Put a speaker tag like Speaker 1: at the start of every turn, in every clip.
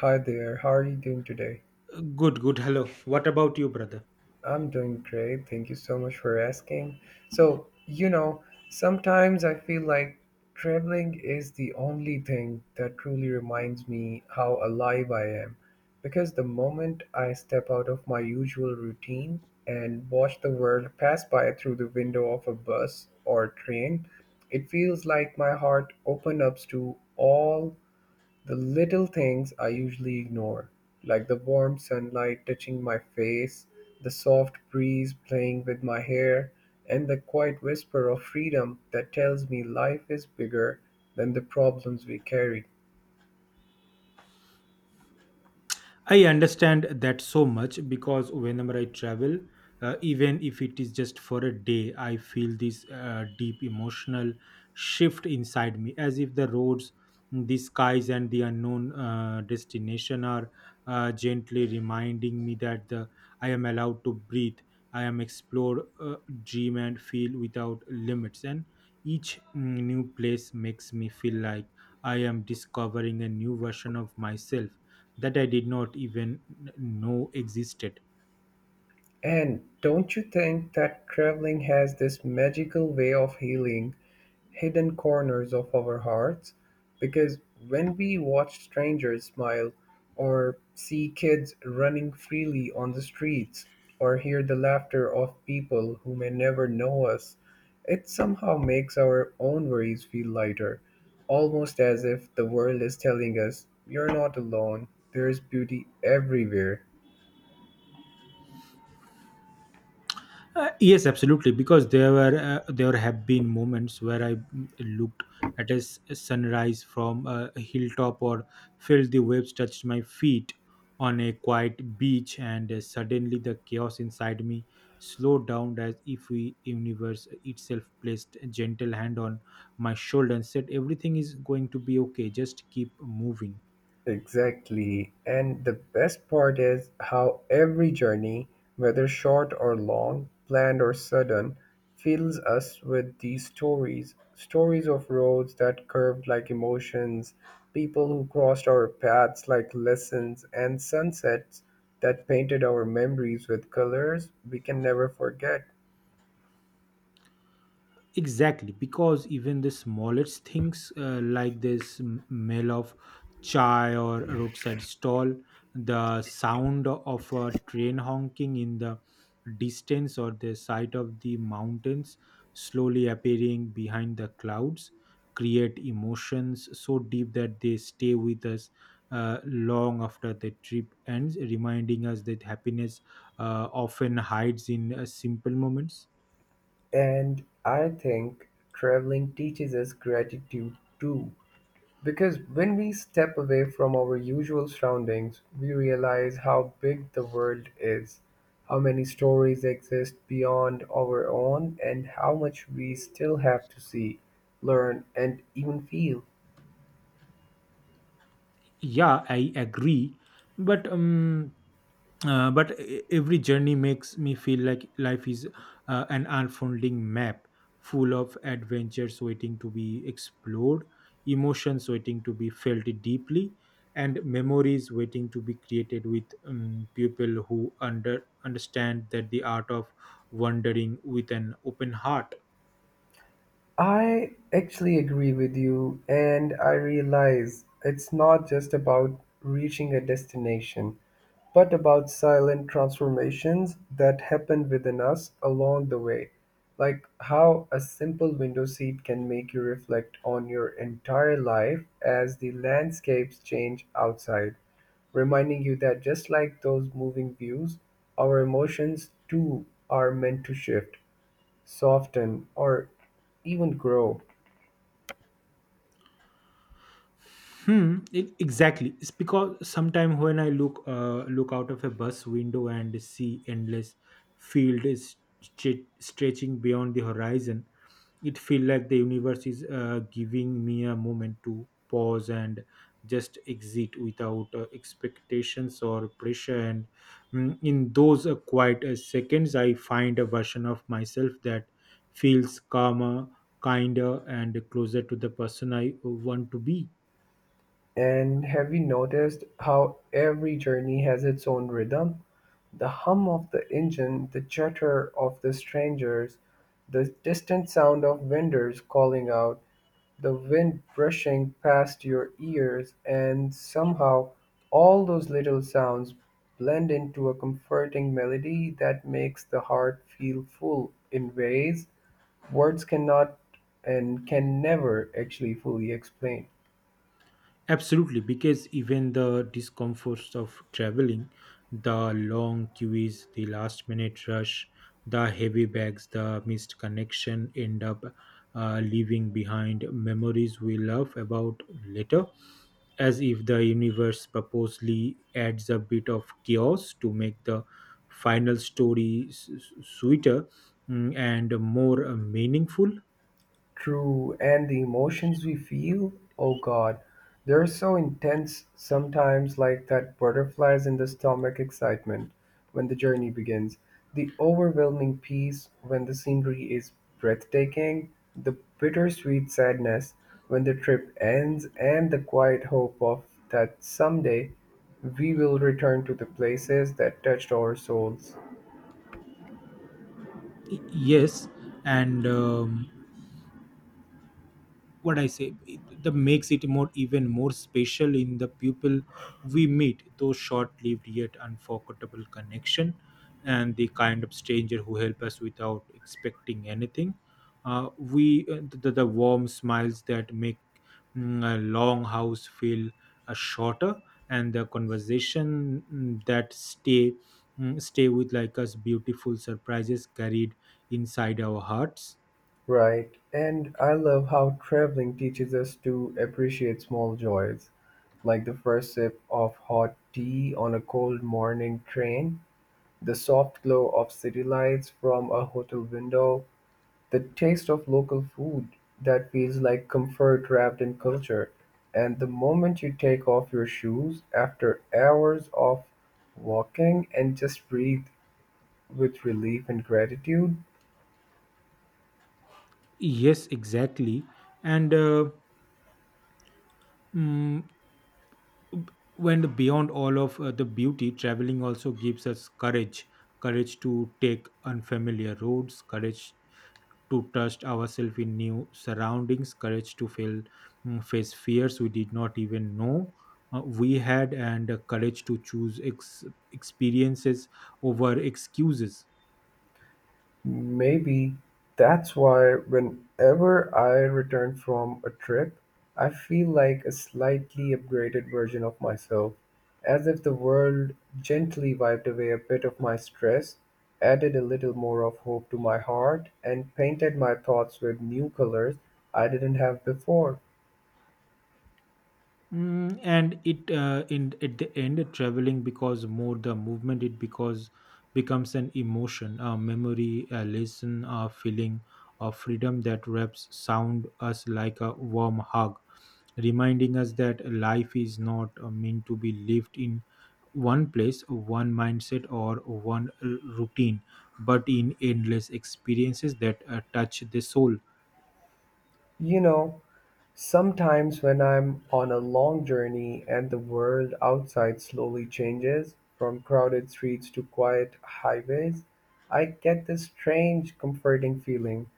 Speaker 1: Hi there, how are you doing today?
Speaker 2: Good, good. Hello. What about you, brother?
Speaker 1: I'm doing great. Thank you so much for asking. So, sometimes I feel like traveling is the only thing that truly reminds me how alive I am. Because the moment I step out of my usual routine and watch the world pass by through the window of a bus or train, it feels like my heart opens up to all the little things I usually ignore, like the warm sunlight touching my face, the soft breeze playing with my hair, and the quiet whisper of freedom that tells me life is bigger than the problems we carry.
Speaker 2: I understand that so much because whenever I travel, even if it is just for a day, I feel this deep emotional shift inside me, as if the roads, the skies, and the unknown destination are gently reminding me that I am allowed to breathe. I am explore, dream, and feel without limits. And each new place makes me feel like I am discovering a new version of myself that I did not even know existed.
Speaker 1: And don't you think that traveling has this magical way of healing hidden corners of our hearts, because when we watch strangers smile, or see kids running freely on the streets, or hear the laughter of people who may never know us, it somehow makes our own worries feel lighter, almost as if the world is telling us, "You're not alone, there's beauty everywhere."
Speaker 2: Yes, absolutely. Because there have been moments where I looked at a sunrise from a hilltop or felt the waves touched my feet on a quiet beach, and suddenly the chaos inside me slowed down as if the universe itself placed a gentle hand on my shoulder and said, "Everything is going to be okay. Just keep moving."
Speaker 1: Exactly. And the best part is how every journey, whether short or long, planned or sudden, fills us with these stories of roads that curved like emotions, people who crossed our paths like lessons, and sunsets that painted our memories with colors we can never forget.
Speaker 2: Exactly, because even the smallest things like this smell of chai or a roadside stall, the sound of a train honking in the distance, or the sight of the mountains slowly appearing behind the clouds, create emotions so deep that they stay with us long after the trip ends, reminding us that happiness often hides in simple moments.
Speaker 1: And I think traveling teaches us gratitude too. Because when we step away from our usual surroundings, we realize how big the world is, how many stories exist beyond our own, and how much we still have to see, learn, and even feel.
Speaker 2: Yeah, I agree, but um but every journey makes me feel like life is an unfolding map full of adventures waiting to be explored, emotions waiting to be felt deeply, and memories waiting to be created with people who understand that the art of wandering with an open heart.
Speaker 1: I actually agree with you, and I realize it's not just about reaching a destination, but about silent transformations that happen within us along the way. Like how a simple window seat can make you reflect on your entire life as the landscapes change outside, reminding you that just like those moving views, our emotions too are meant to shift, soften, or even grow.
Speaker 2: Hmm. Exactly. It's because sometimes when I look out of a bus window and see endless field is stretching beyond the horizon, it feels like the universe is giving me a moment to pause and just exit without expectations or pressure. And in those quiet seconds, I find a version of myself that feels calmer, kinder, and closer to the person I want to be.
Speaker 1: And have you noticed how every journey has its own rhythm? The hum of the engine, the chatter of the strangers, the distant sound of vendors calling out, the wind brushing past your ears, and somehow all those little sounds blend into a comforting melody that makes the heart feel full in ways words cannot and can never actually fully explain.
Speaker 2: Absolutely, because even the discomforts of traveling, the long queues, the last minute rush, the heavy bags, the missed connection end up leaving behind memories we love about later, as if the universe purposely adds a bit of chaos to make the final story sweeter and more meaningful.
Speaker 1: True, and the emotions we feel, oh God, they're so intense sometimes, like that butterflies in the stomach excitement when the journey begins, the overwhelming peace when the scenery is breathtaking, the bittersweet sadness when the trip ends, and the quiet hope of that someday we will return to the places that touched our souls.
Speaker 2: Yes, and what I say that makes it more even more special in the people we meet, those short-lived yet unforgettable connection and the kind of stranger who help us without expecting anything. The warm smiles that make a long house feel shorter, and the conversation that stay with like us beautiful surprises carried inside our hearts.
Speaker 1: Right, and I love how traveling teaches us to appreciate small joys, like the first sip of hot tea on a cold morning train, the soft glow of city lights from a hotel window, the taste of local food that feels like comfort wrapped in culture, and the moment you take off your shoes after hours of walking and just breathe with relief and gratitude.
Speaker 2: Yes, exactly, and Mm, b- when beyond all of the beauty, traveling also gives us courage, courage to take unfamiliar roads, courage to trust ourselves in new surroundings, courage to fail, face fears we did not even know we had, and courage to choose experiences over excuses.
Speaker 1: Maybe that's why whenever I return from a trip, I feel like a slightly upgraded version of myself, as if the world gently wiped away a bit of my stress, added a little more of hope to my heart, and painted my thoughts with new colors I didn't have before.
Speaker 2: And it in at the end traveling because more the movement it because becomes an emotion, a memory, a lesson, a feeling of freedom that wraps sound us like a warm hug, reminding us that life is not meant to be lived in one place, one mindset, or one routine, but in endless experiences that touch the soul.
Speaker 1: You know, sometimes when I'm on a long journey and the world outside slowly changes from crowded streets to quiet highways, I get this strange, comforting feeling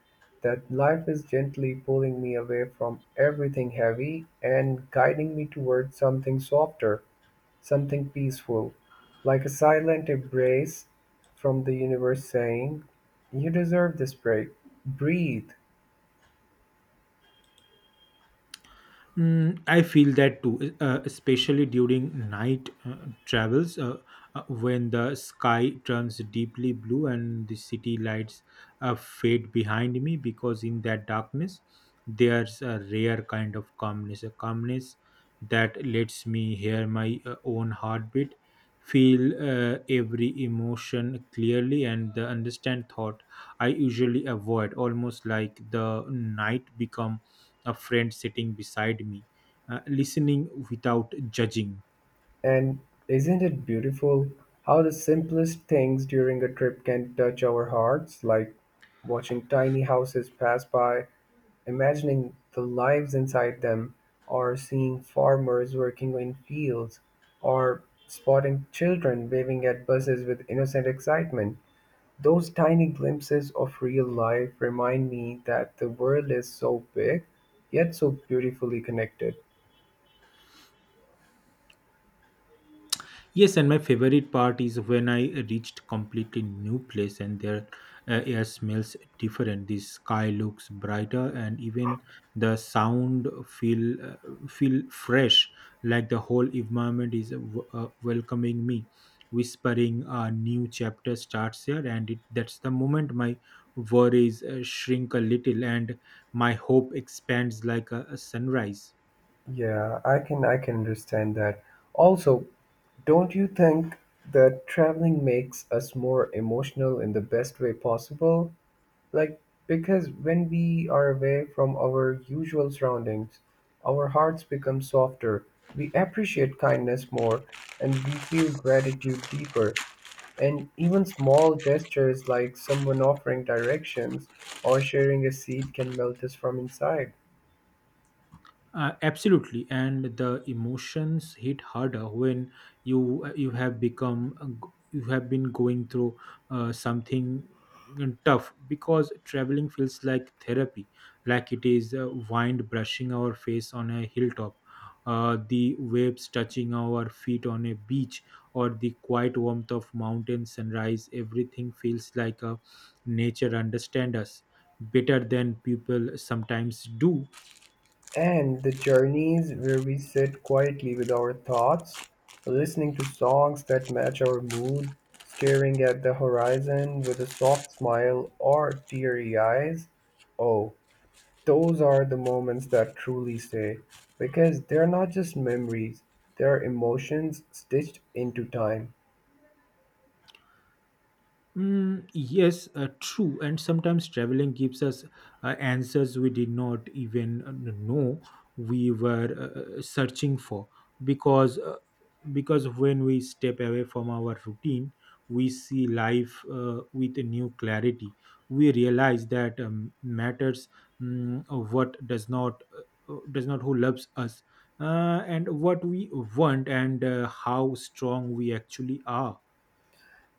Speaker 1: that life is gently pulling me away from everything heavy and guiding me toward something softer, something peaceful, like a silent embrace from the universe saying, "You deserve this break. Breathe."
Speaker 2: I feel that too, especially during night travels when the sky turns deeply blue and the city lights fade behind me because in that darkness there's a rare kind of calmness, a calmness that lets me hear my own heartbeat, feel every emotion clearly, and understand thought I usually avoid, almost like the night become a friend sitting beside me, listening without judging.
Speaker 1: And isn't it beautiful how the simplest things during a trip can touch our hearts, like watching tiny houses pass by, imagining the lives inside them, or seeing farmers working in fields, or spotting children waving at buses with innocent excitement? Those tiny glimpses of real life remind me that the world is so big, yet so beautifully connected.
Speaker 2: Yes, and my favorite part is when I reached completely new place and their air smells different. The sky looks brighter, and even the sound feel fresh. Like the whole environment is welcoming me, whispering a new chapter starts here, and it, that's the moment my worries shrink a little and my hope expands like a sunrise.
Speaker 1: Yeah, I can understand that. Also, don't you think that traveling makes us more emotional in the best way possible? Like, because when we are away from our usual surroundings, our hearts become softer, we appreciate kindness more, and we feel gratitude deeper. And even small gestures like someone offering directions or sharing a seat can melt us from inside.
Speaker 2: Absolutely, and the emotions hit harder when you have become you have been going through something tough because traveling feels like therapy, like it is wind brushing our face on a hilltop, the waves touching our feet on a beach, or the quiet warmth of mountain sunrise. Everything feels like a nature understand us better than people sometimes do.
Speaker 1: And the journeys where we sit quietly with our thoughts, listening to songs that match our mood, staring at the horizon with a soft smile or teary eyes. Oh, those are the moments that truly stay because they're not just memories, they're emotions stitched into time.
Speaker 2: Yes, true. And sometimes traveling gives us answers we did not even know we were searching for. Because uh, because when we step away from our routine, we see life with a new clarity. We realize that matters of what does not, does not who loves us, and what we want, and how strong we actually are.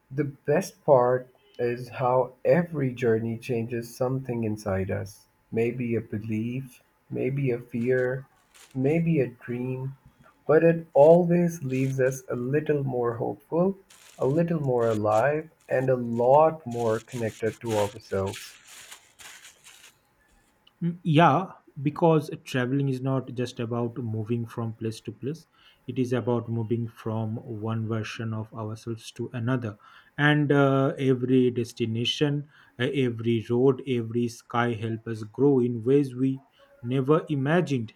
Speaker 1: The best part is how every journey changes something inside us. Maybe a belief, maybe a fear, maybe a dream, but it always leaves us a little more hopeful, a little more alive, and a lot more connected to ourselves.
Speaker 2: Yeah, because traveling is not just about moving from place to place. It is about moving from one version of ourselves to another. And every destination, every road, every sky help us grow in ways we never imagined.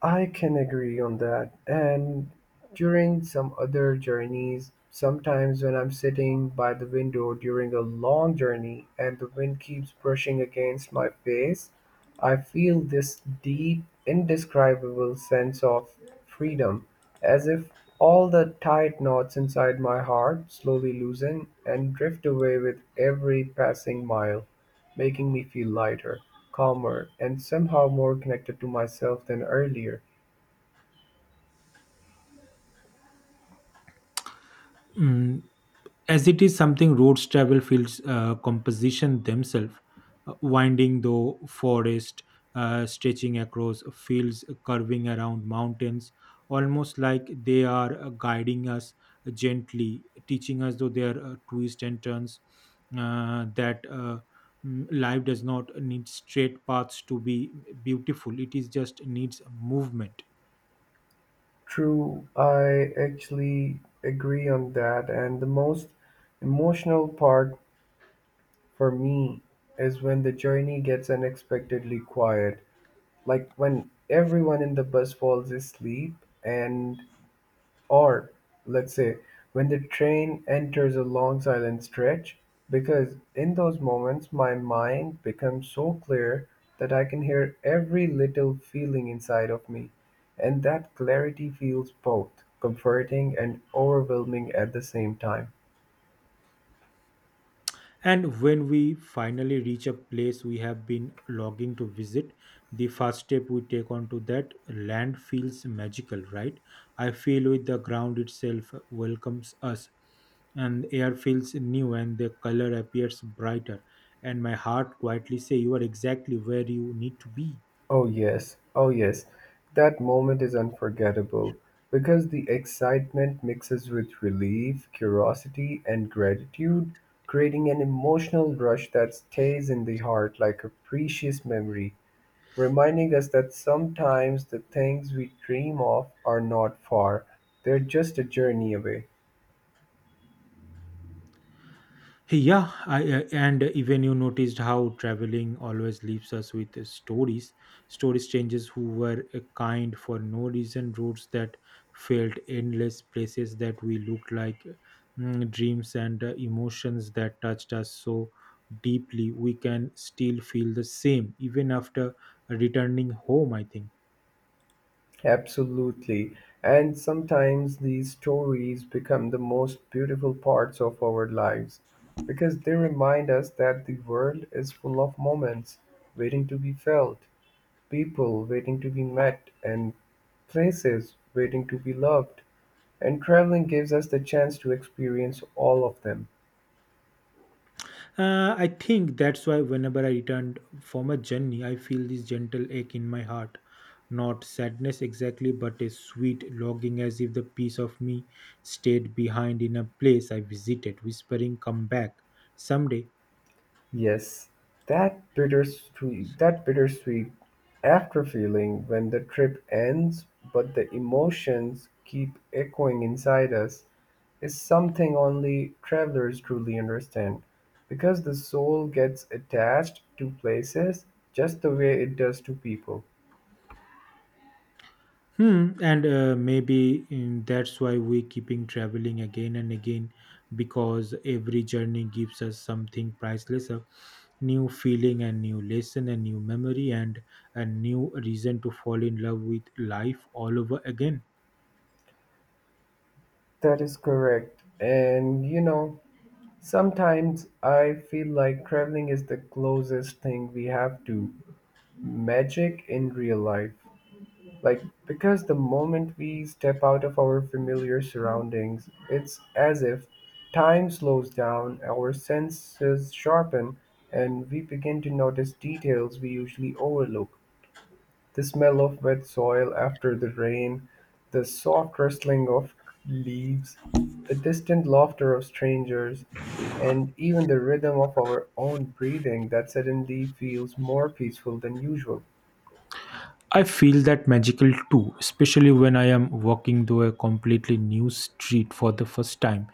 Speaker 1: I can agree on that. And during some other journeys, sometimes when I'm sitting by the window during a long journey and the wind keeps brushing against my face, I feel this deep, indescribable sense of freedom, as if all the tight knots inside my heart slowly loosen and drift away with every passing mile, making me feel lighter, calmer, and somehow more connected to myself than earlier.
Speaker 2: Mm, as it is something roads travel feels composition themselves, winding though forest, stretching across fields, curving around mountains, almost like they are guiding us, gently teaching us though their twists and turns, uh, that uh, life does not need straight paths to be beautiful, it is just needs movement.
Speaker 1: True, I actually agree on that. And the most emotional part for me is when the journey gets unexpectedly quiet, like when everyone in the bus falls asleep and, or, let's say, when the train enters a long silent stretch, because in those moments my mind becomes so clear that I can hear every little feeling inside of me, and that clarity feels both comforting and overwhelming at the same time.
Speaker 2: And when we finally reach a place we have been longing to visit, the first step we take onto that land feels magical, right? I feel with the ground itself welcomes us, and air feels new, and the color appears brighter. And my heart quietly say, "You are exactly where you need to be."
Speaker 1: Oh, yes, oh, yes. That moment is unforgettable because the excitement mixes with relief, curiosity, and gratitude, creating an emotional rush that stays in the heart like a precious memory, reminding us that sometimes the things we dream of are not far, they're just a journey away.
Speaker 2: Hey, yeah, and even you noticed how traveling always leaves us with stories. Story strangers who were kind for no reason, roads that felt endless, places that we looked like dreams, and emotions that touched us so deeply. We can still feel the same even after returning home, I think.
Speaker 1: Absolutely. And sometimes these stories become the most beautiful parts of our lives because they remind us that the world is full of moments waiting to be felt, people waiting to be met, and places waiting to be loved. And traveling gives us the chance to experience all of them.
Speaker 2: I think that's why whenever I returned from a journey, I feel this gentle ache in my heart. Not sadness exactly, but a sweet longing as if the piece of me stayed behind in a place I visited, whispering, Come back someday.
Speaker 1: Yes, that bittersweet after feeling when the trip ends, but the emotions keep echoing inside us, is something only travelers truly understand. Because the soul gets attached to places just the way it does to people.
Speaker 2: Hmm, and maybe that's why we keeping traveling again and again, because every journey gives us something priceless, a new feeling, a new lesson, a new memory, and a new reason to fall in love with life all over again.
Speaker 1: That is correct. And you know, sometimes I feel like traveling is the closest thing we have to magic in real life. Like, because the moment we step out of our familiar surroundings, it's as if time slows down, our senses sharpen, and we begin to notice details we usually overlook. The smell of wet soil after the rain, the soft rustling of leaves, the distant laughter of strangers, and even the rhythm of our own breathing that suddenly feels more peaceful than usual.
Speaker 2: I feel that magical too, especially when I am walking through a completely new street for the first time,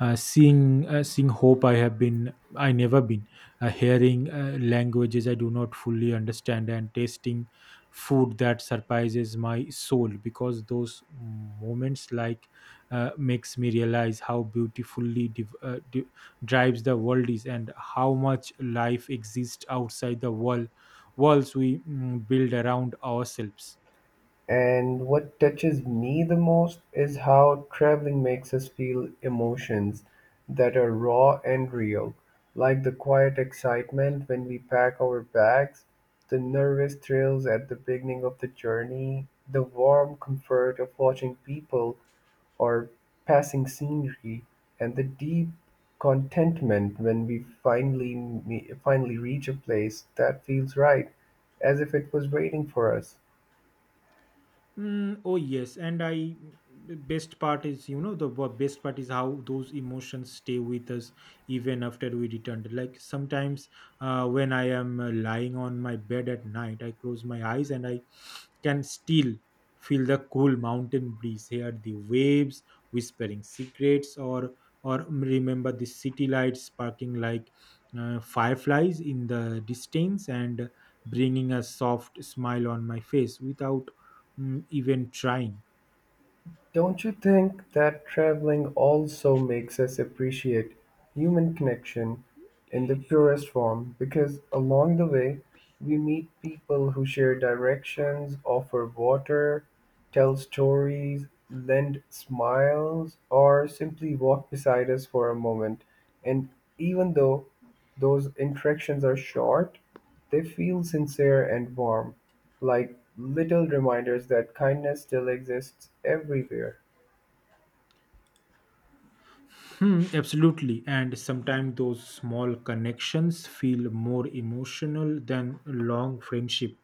Speaker 2: seeing hope I have been I never been, hearing languages I do not fully understand, and tasting food that surprises my soul. Because those moments like makes me realize how beautifully drives the world is, and how much life exists outside the walls we build around ourselves.
Speaker 1: And what touches me the most is how traveling makes us feel emotions that are raw and real, like the quiet excitement when we pack our bags, the nervous thrills at the beginning of the journey, the warm comfort of watching people or passing scenery, and the deep contentment when we finally reach a place that feels right, as if it was waiting for us.
Speaker 2: Oh yes, and I best part is you know the wo- best part is how those emotions stay with us even after we returned. Like sometimes when I am lying on my bed at night, I close my eyes and I can still feel the cool mountain breeze, hear the waves whispering secrets, or remember the city lights sparkling like fireflies in the distance and bringing a soft smile on my face without even trying.
Speaker 1: Don't you think that traveling also makes us appreciate human connection in the purest form? Because along the way, we meet people who share directions, offer water, tell stories, lend smiles, or simply walk beside us for a moment. And even though those interactions are short, they feel sincere and warm. Like little reminders that kindness still exists everywhere.
Speaker 2: Hmm, absolutely. And sometimes those small connections feel more emotional than long friendship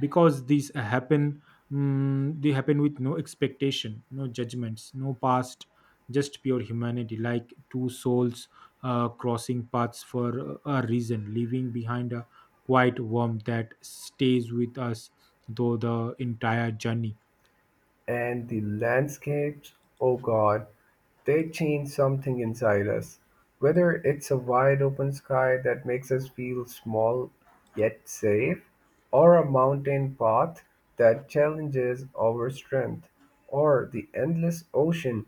Speaker 2: because these happen. They happen with no expectation, no judgments, no past, just pure humanity, like two souls crossing paths for a reason, leaving behind a quiet warmth that stays with us through the entire journey.
Speaker 1: And the landscapes, oh God, they change something inside us. Whether it's a wide open sky that makes us feel small yet safe, or a mountain path that challenges our strength, or the endless ocean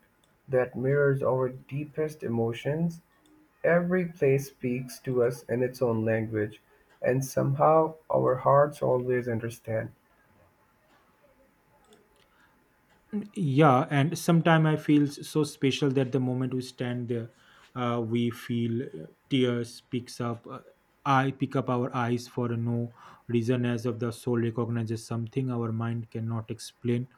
Speaker 1: that mirrors our deepest emotions, every place speaks to us in its own language, and somehow our hearts always understand.
Speaker 2: Yeah, and sometimes I feel so special that the moment we stand there, we feel tears picks up I pick up our eyes for no reason as of the soul recognizes something our mind cannot explain.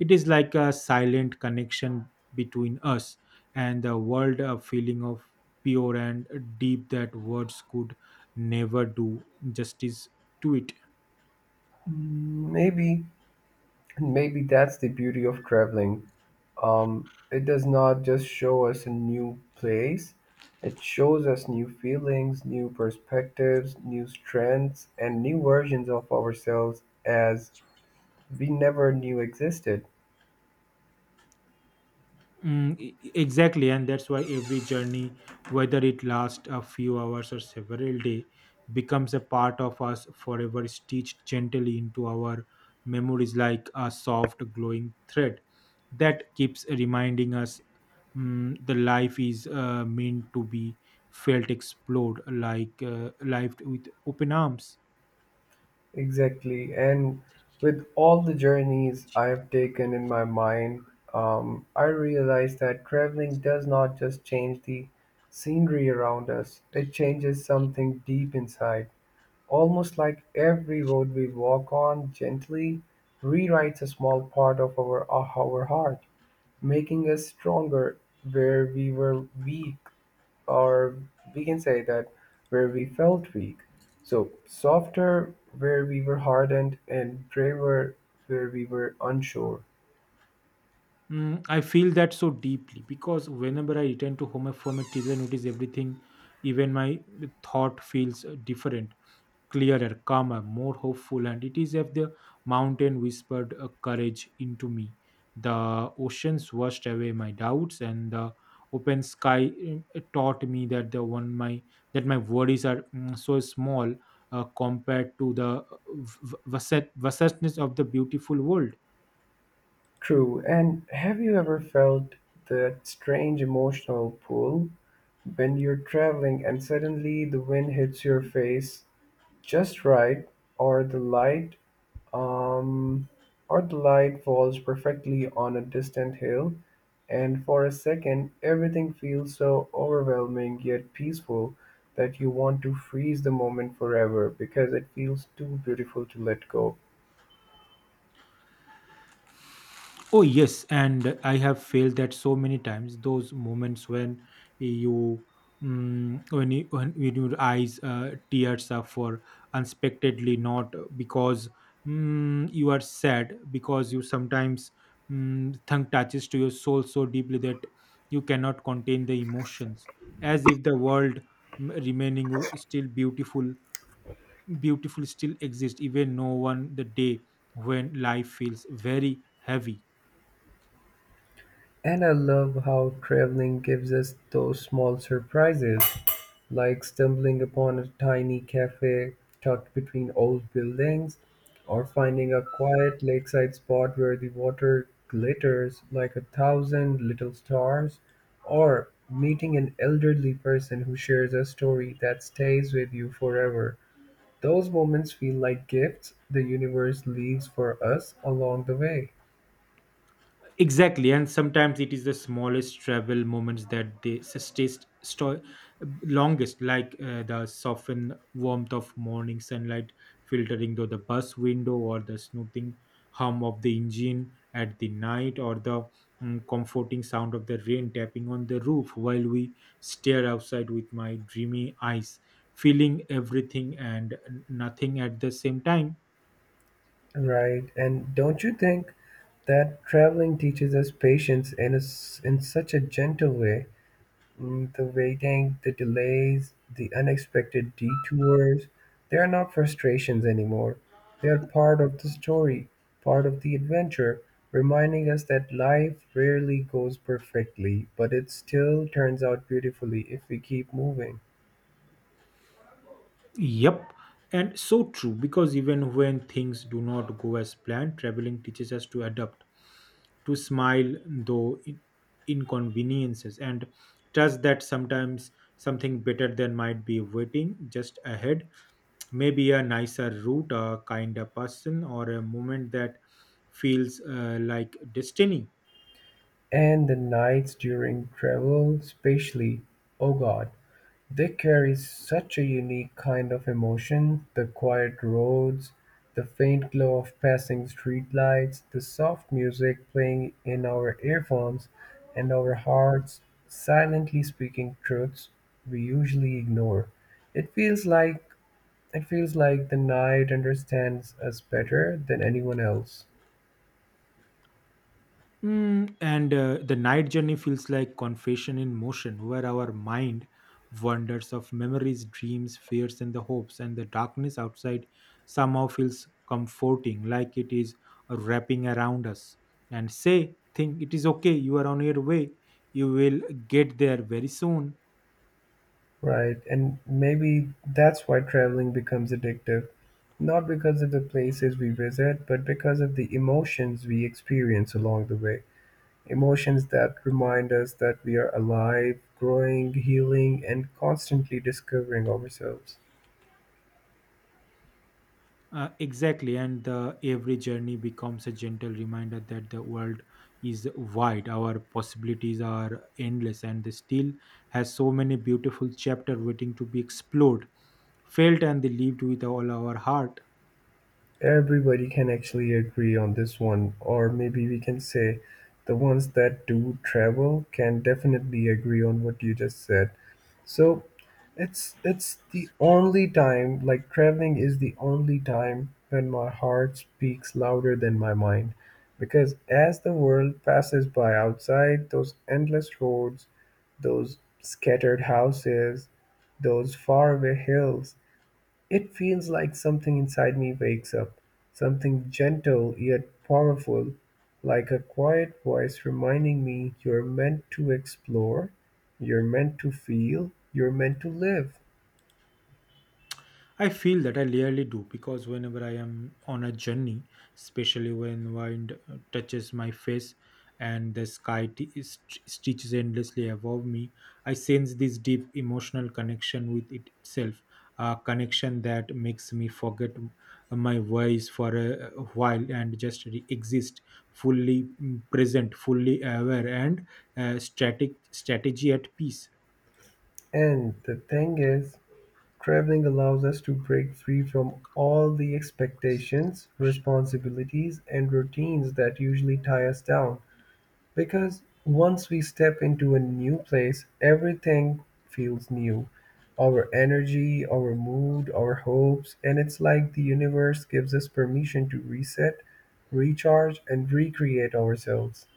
Speaker 2: It is like a silent connection between us and the world, a feeling of pure and deep that words could never do justice to it.
Speaker 1: Mm, Maybe, maybe, that's the beauty of traveling. It does not just show us a new place, it shows us new feelings, new perspectives, new strengths, and new versions of ourselves as we never knew existed.
Speaker 2: Exactly, and that's why every journey, whether it lasts a few hours or several days, becomes a part of us forever, stitched gently into our memories like a soft, glowing thread that keeps reminding us the life is meant to be felt, explored, like life with open arms.
Speaker 1: Exactly. And with all the journeys I have taken in my mind, I realize that traveling does not just change the scenery around us, it changes something deep inside. Almost like every road we walk on gently rewrites a small part of of our heart, making us stronger where we were weak, or we can say that where we felt weak. So, softer where we were hardened, and braver where we were unsure.
Speaker 2: Mm, I feel that so deeply because whenever I return to home from a trip, I notice everything, even my thought feels different, clearer, calmer, more hopeful. And it is if the mountain whispered courage into me, the oceans washed away my doubts, and the open sky taught me that the one my that my worries are so small compared to the vastness of the beautiful world.
Speaker 1: True. And have you ever felt that strange emotional pull when you're traveling and suddenly the wind hits your face just right, or the light, Um, Artelight falls perfectly on a distant hill, and for a second everything feels so overwhelming yet peaceful that you want to freeze the moment forever because it feels too beautiful to let go.
Speaker 2: Oh, yes. And I have failed that so many times. Those moments when you, mm when, you, when your eyes tears up for unexpectedly, not because you are sad, because you sometimes tongue touches to your soul so deeply that you cannot contain the emotions, as if the world remaining you still beautiful, beautiful still exists, even no one the day when life feels very heavy.
Speaker 1: And I love how traveling gives us those small surprises, like stumbling upon a tiny cafe tucked between old buildings, or finding a quiet lakeside spot where the water glitters like a thousand little stars, or meeting an elderly person who shares a story that stays with you forever. Those moments feel like gifts the universe leaves for us along the way.
Speaker 2: Exactly, and sometimes it is the smallest travel moments that they stay sto- longest, like the soften warmth of morning sunlight filtering through the bus window, or the soothing hum of the engine at the night, or the comforting sound of the rain tapping on the roof while we stare outside with my dreamy eyes, feeling everything and nothing at the same time.
Speaker 1: Right. And don't you think that traveling teaches us patience in a s in such a gentle way? The waiting, the delays, the unexpected detours, they are not frustrations anymore. They are part of the story, part of the adventure, reminding us that life rarely goes perfectly, but it still turns out beautifully if we keep moving.
Speaker 2: Yep, and so true, because even when things do not go as planned, traveling teaches us to adapt, to smile though inconveniences, and trust that sometimes something better than might be waiting just ahead. Maybe a nicer route, a kinder person, or a moment that feels like destiny.
Speaker 1: And the nights during travel, especially, oh God, they carry such a unique kind of emotion, the quiet roads, the faint glow of passing streetlights, the soft music playing in our earphones, and our hearts silently speaking truths we usually ignore. It feels like it feels like the night understands us better than anyone else.
Speaker 2: Mm, and the night journey feels like confession in motion, where our mind wanders of memories, dreams, fears, and the hopes, and the darkness outside somehow feels comforting, like it is wrapping around us. And say, think it is okay, you are on your way, you will get there very soon.
Speaker 1: Right, and maybe that's why traveling becomes addictive. Not because of the places we visit, but because of the emotions we experience along the way. Emotions that remind us that we are alive, growing, healing, and constantly discovering ourselves.
Speaker 2: Exactly, and the, every journey becomes a gentle reminder that the world is wide, our possibilities are endless, and the still has so many beautiful chapters waiting to be explored, felt, and lived with all our heart.
Speaker 1: Everybody can actually agree on this one, or maybe we can say the ones that do travel can definitely agree on what you just said. So it's the only time, like, traveling is the only time when my heart speaks louder than my mind, because as the world passes by outside those endless roads, those scattered houses, those faraway hills, it feels like something inside me wakes up, something gentle yet powerful, like a quiet voice reminding me, you're meant to explore, you're meant to feel, you're meant to live.
Speaker 2: I feel that I rarely do, because whenever I am on a journey, especially when wind touches my face and the sky stretches endlessly above me, I sense this deep emotional connection with it itself, a connection that makes me forget my voice for a while and just exist fully, present, fully aware, and static strategy at peace.
Speaker 1: And the thing is, traveling allows us to break free from all the expectations, responsibilities, and routines that usually tie us down. Because once we step into a new place, everything feels new. Our energy, our mood, our hopes, and it's like the universe gives us permission to reset, recharge, and recreate ourselves.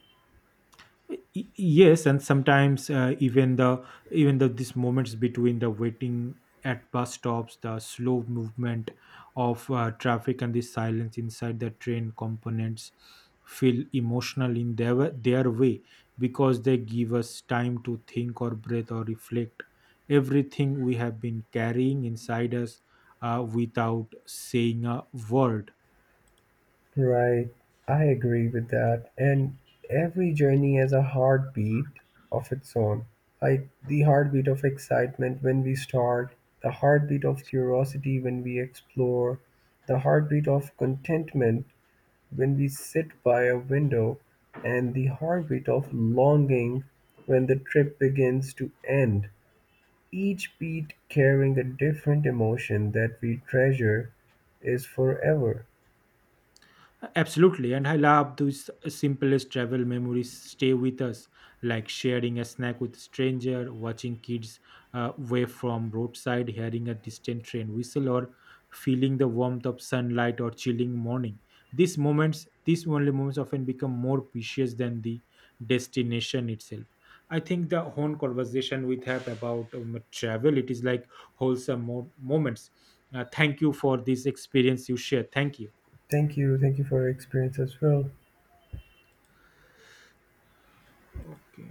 Speaker 2: Yes, and sometimes even the these moments between the waiting at bus stops, the slow movement of traffic, and the silence inside the train components feel emotional in their way, because they give us time to think or breathe or reflect everything we have been carrying inside us without saying a word.
Speaker 1: Right, I agree with that. And every journey has a heartbeat of its own. Like the heartbeat of excitement when we start, the heartbeat of curiosity when we explore, the heartbeat of contentment when we sit by a window, and the heartbeat of longing when the trip begins to end, each beat carrying a different emotion that we treasure is forever.
Speaker 2: Absolutely, and I love those simplest travel memories stay with us, like sharing a snack with stranger, watching kids wave from roadside, hearing a distant train whistle, or feeling the warmth of sunlight or chilling morning. These moments, these only moments, often become more precious than the destination itself. I think the whole conversation we have about travel, it is like wholesome moments. Thank you for this experience you share. Thank you.
Speaker 1: Thank you. Thank you for your experience as well.
Speaker 2: Okay.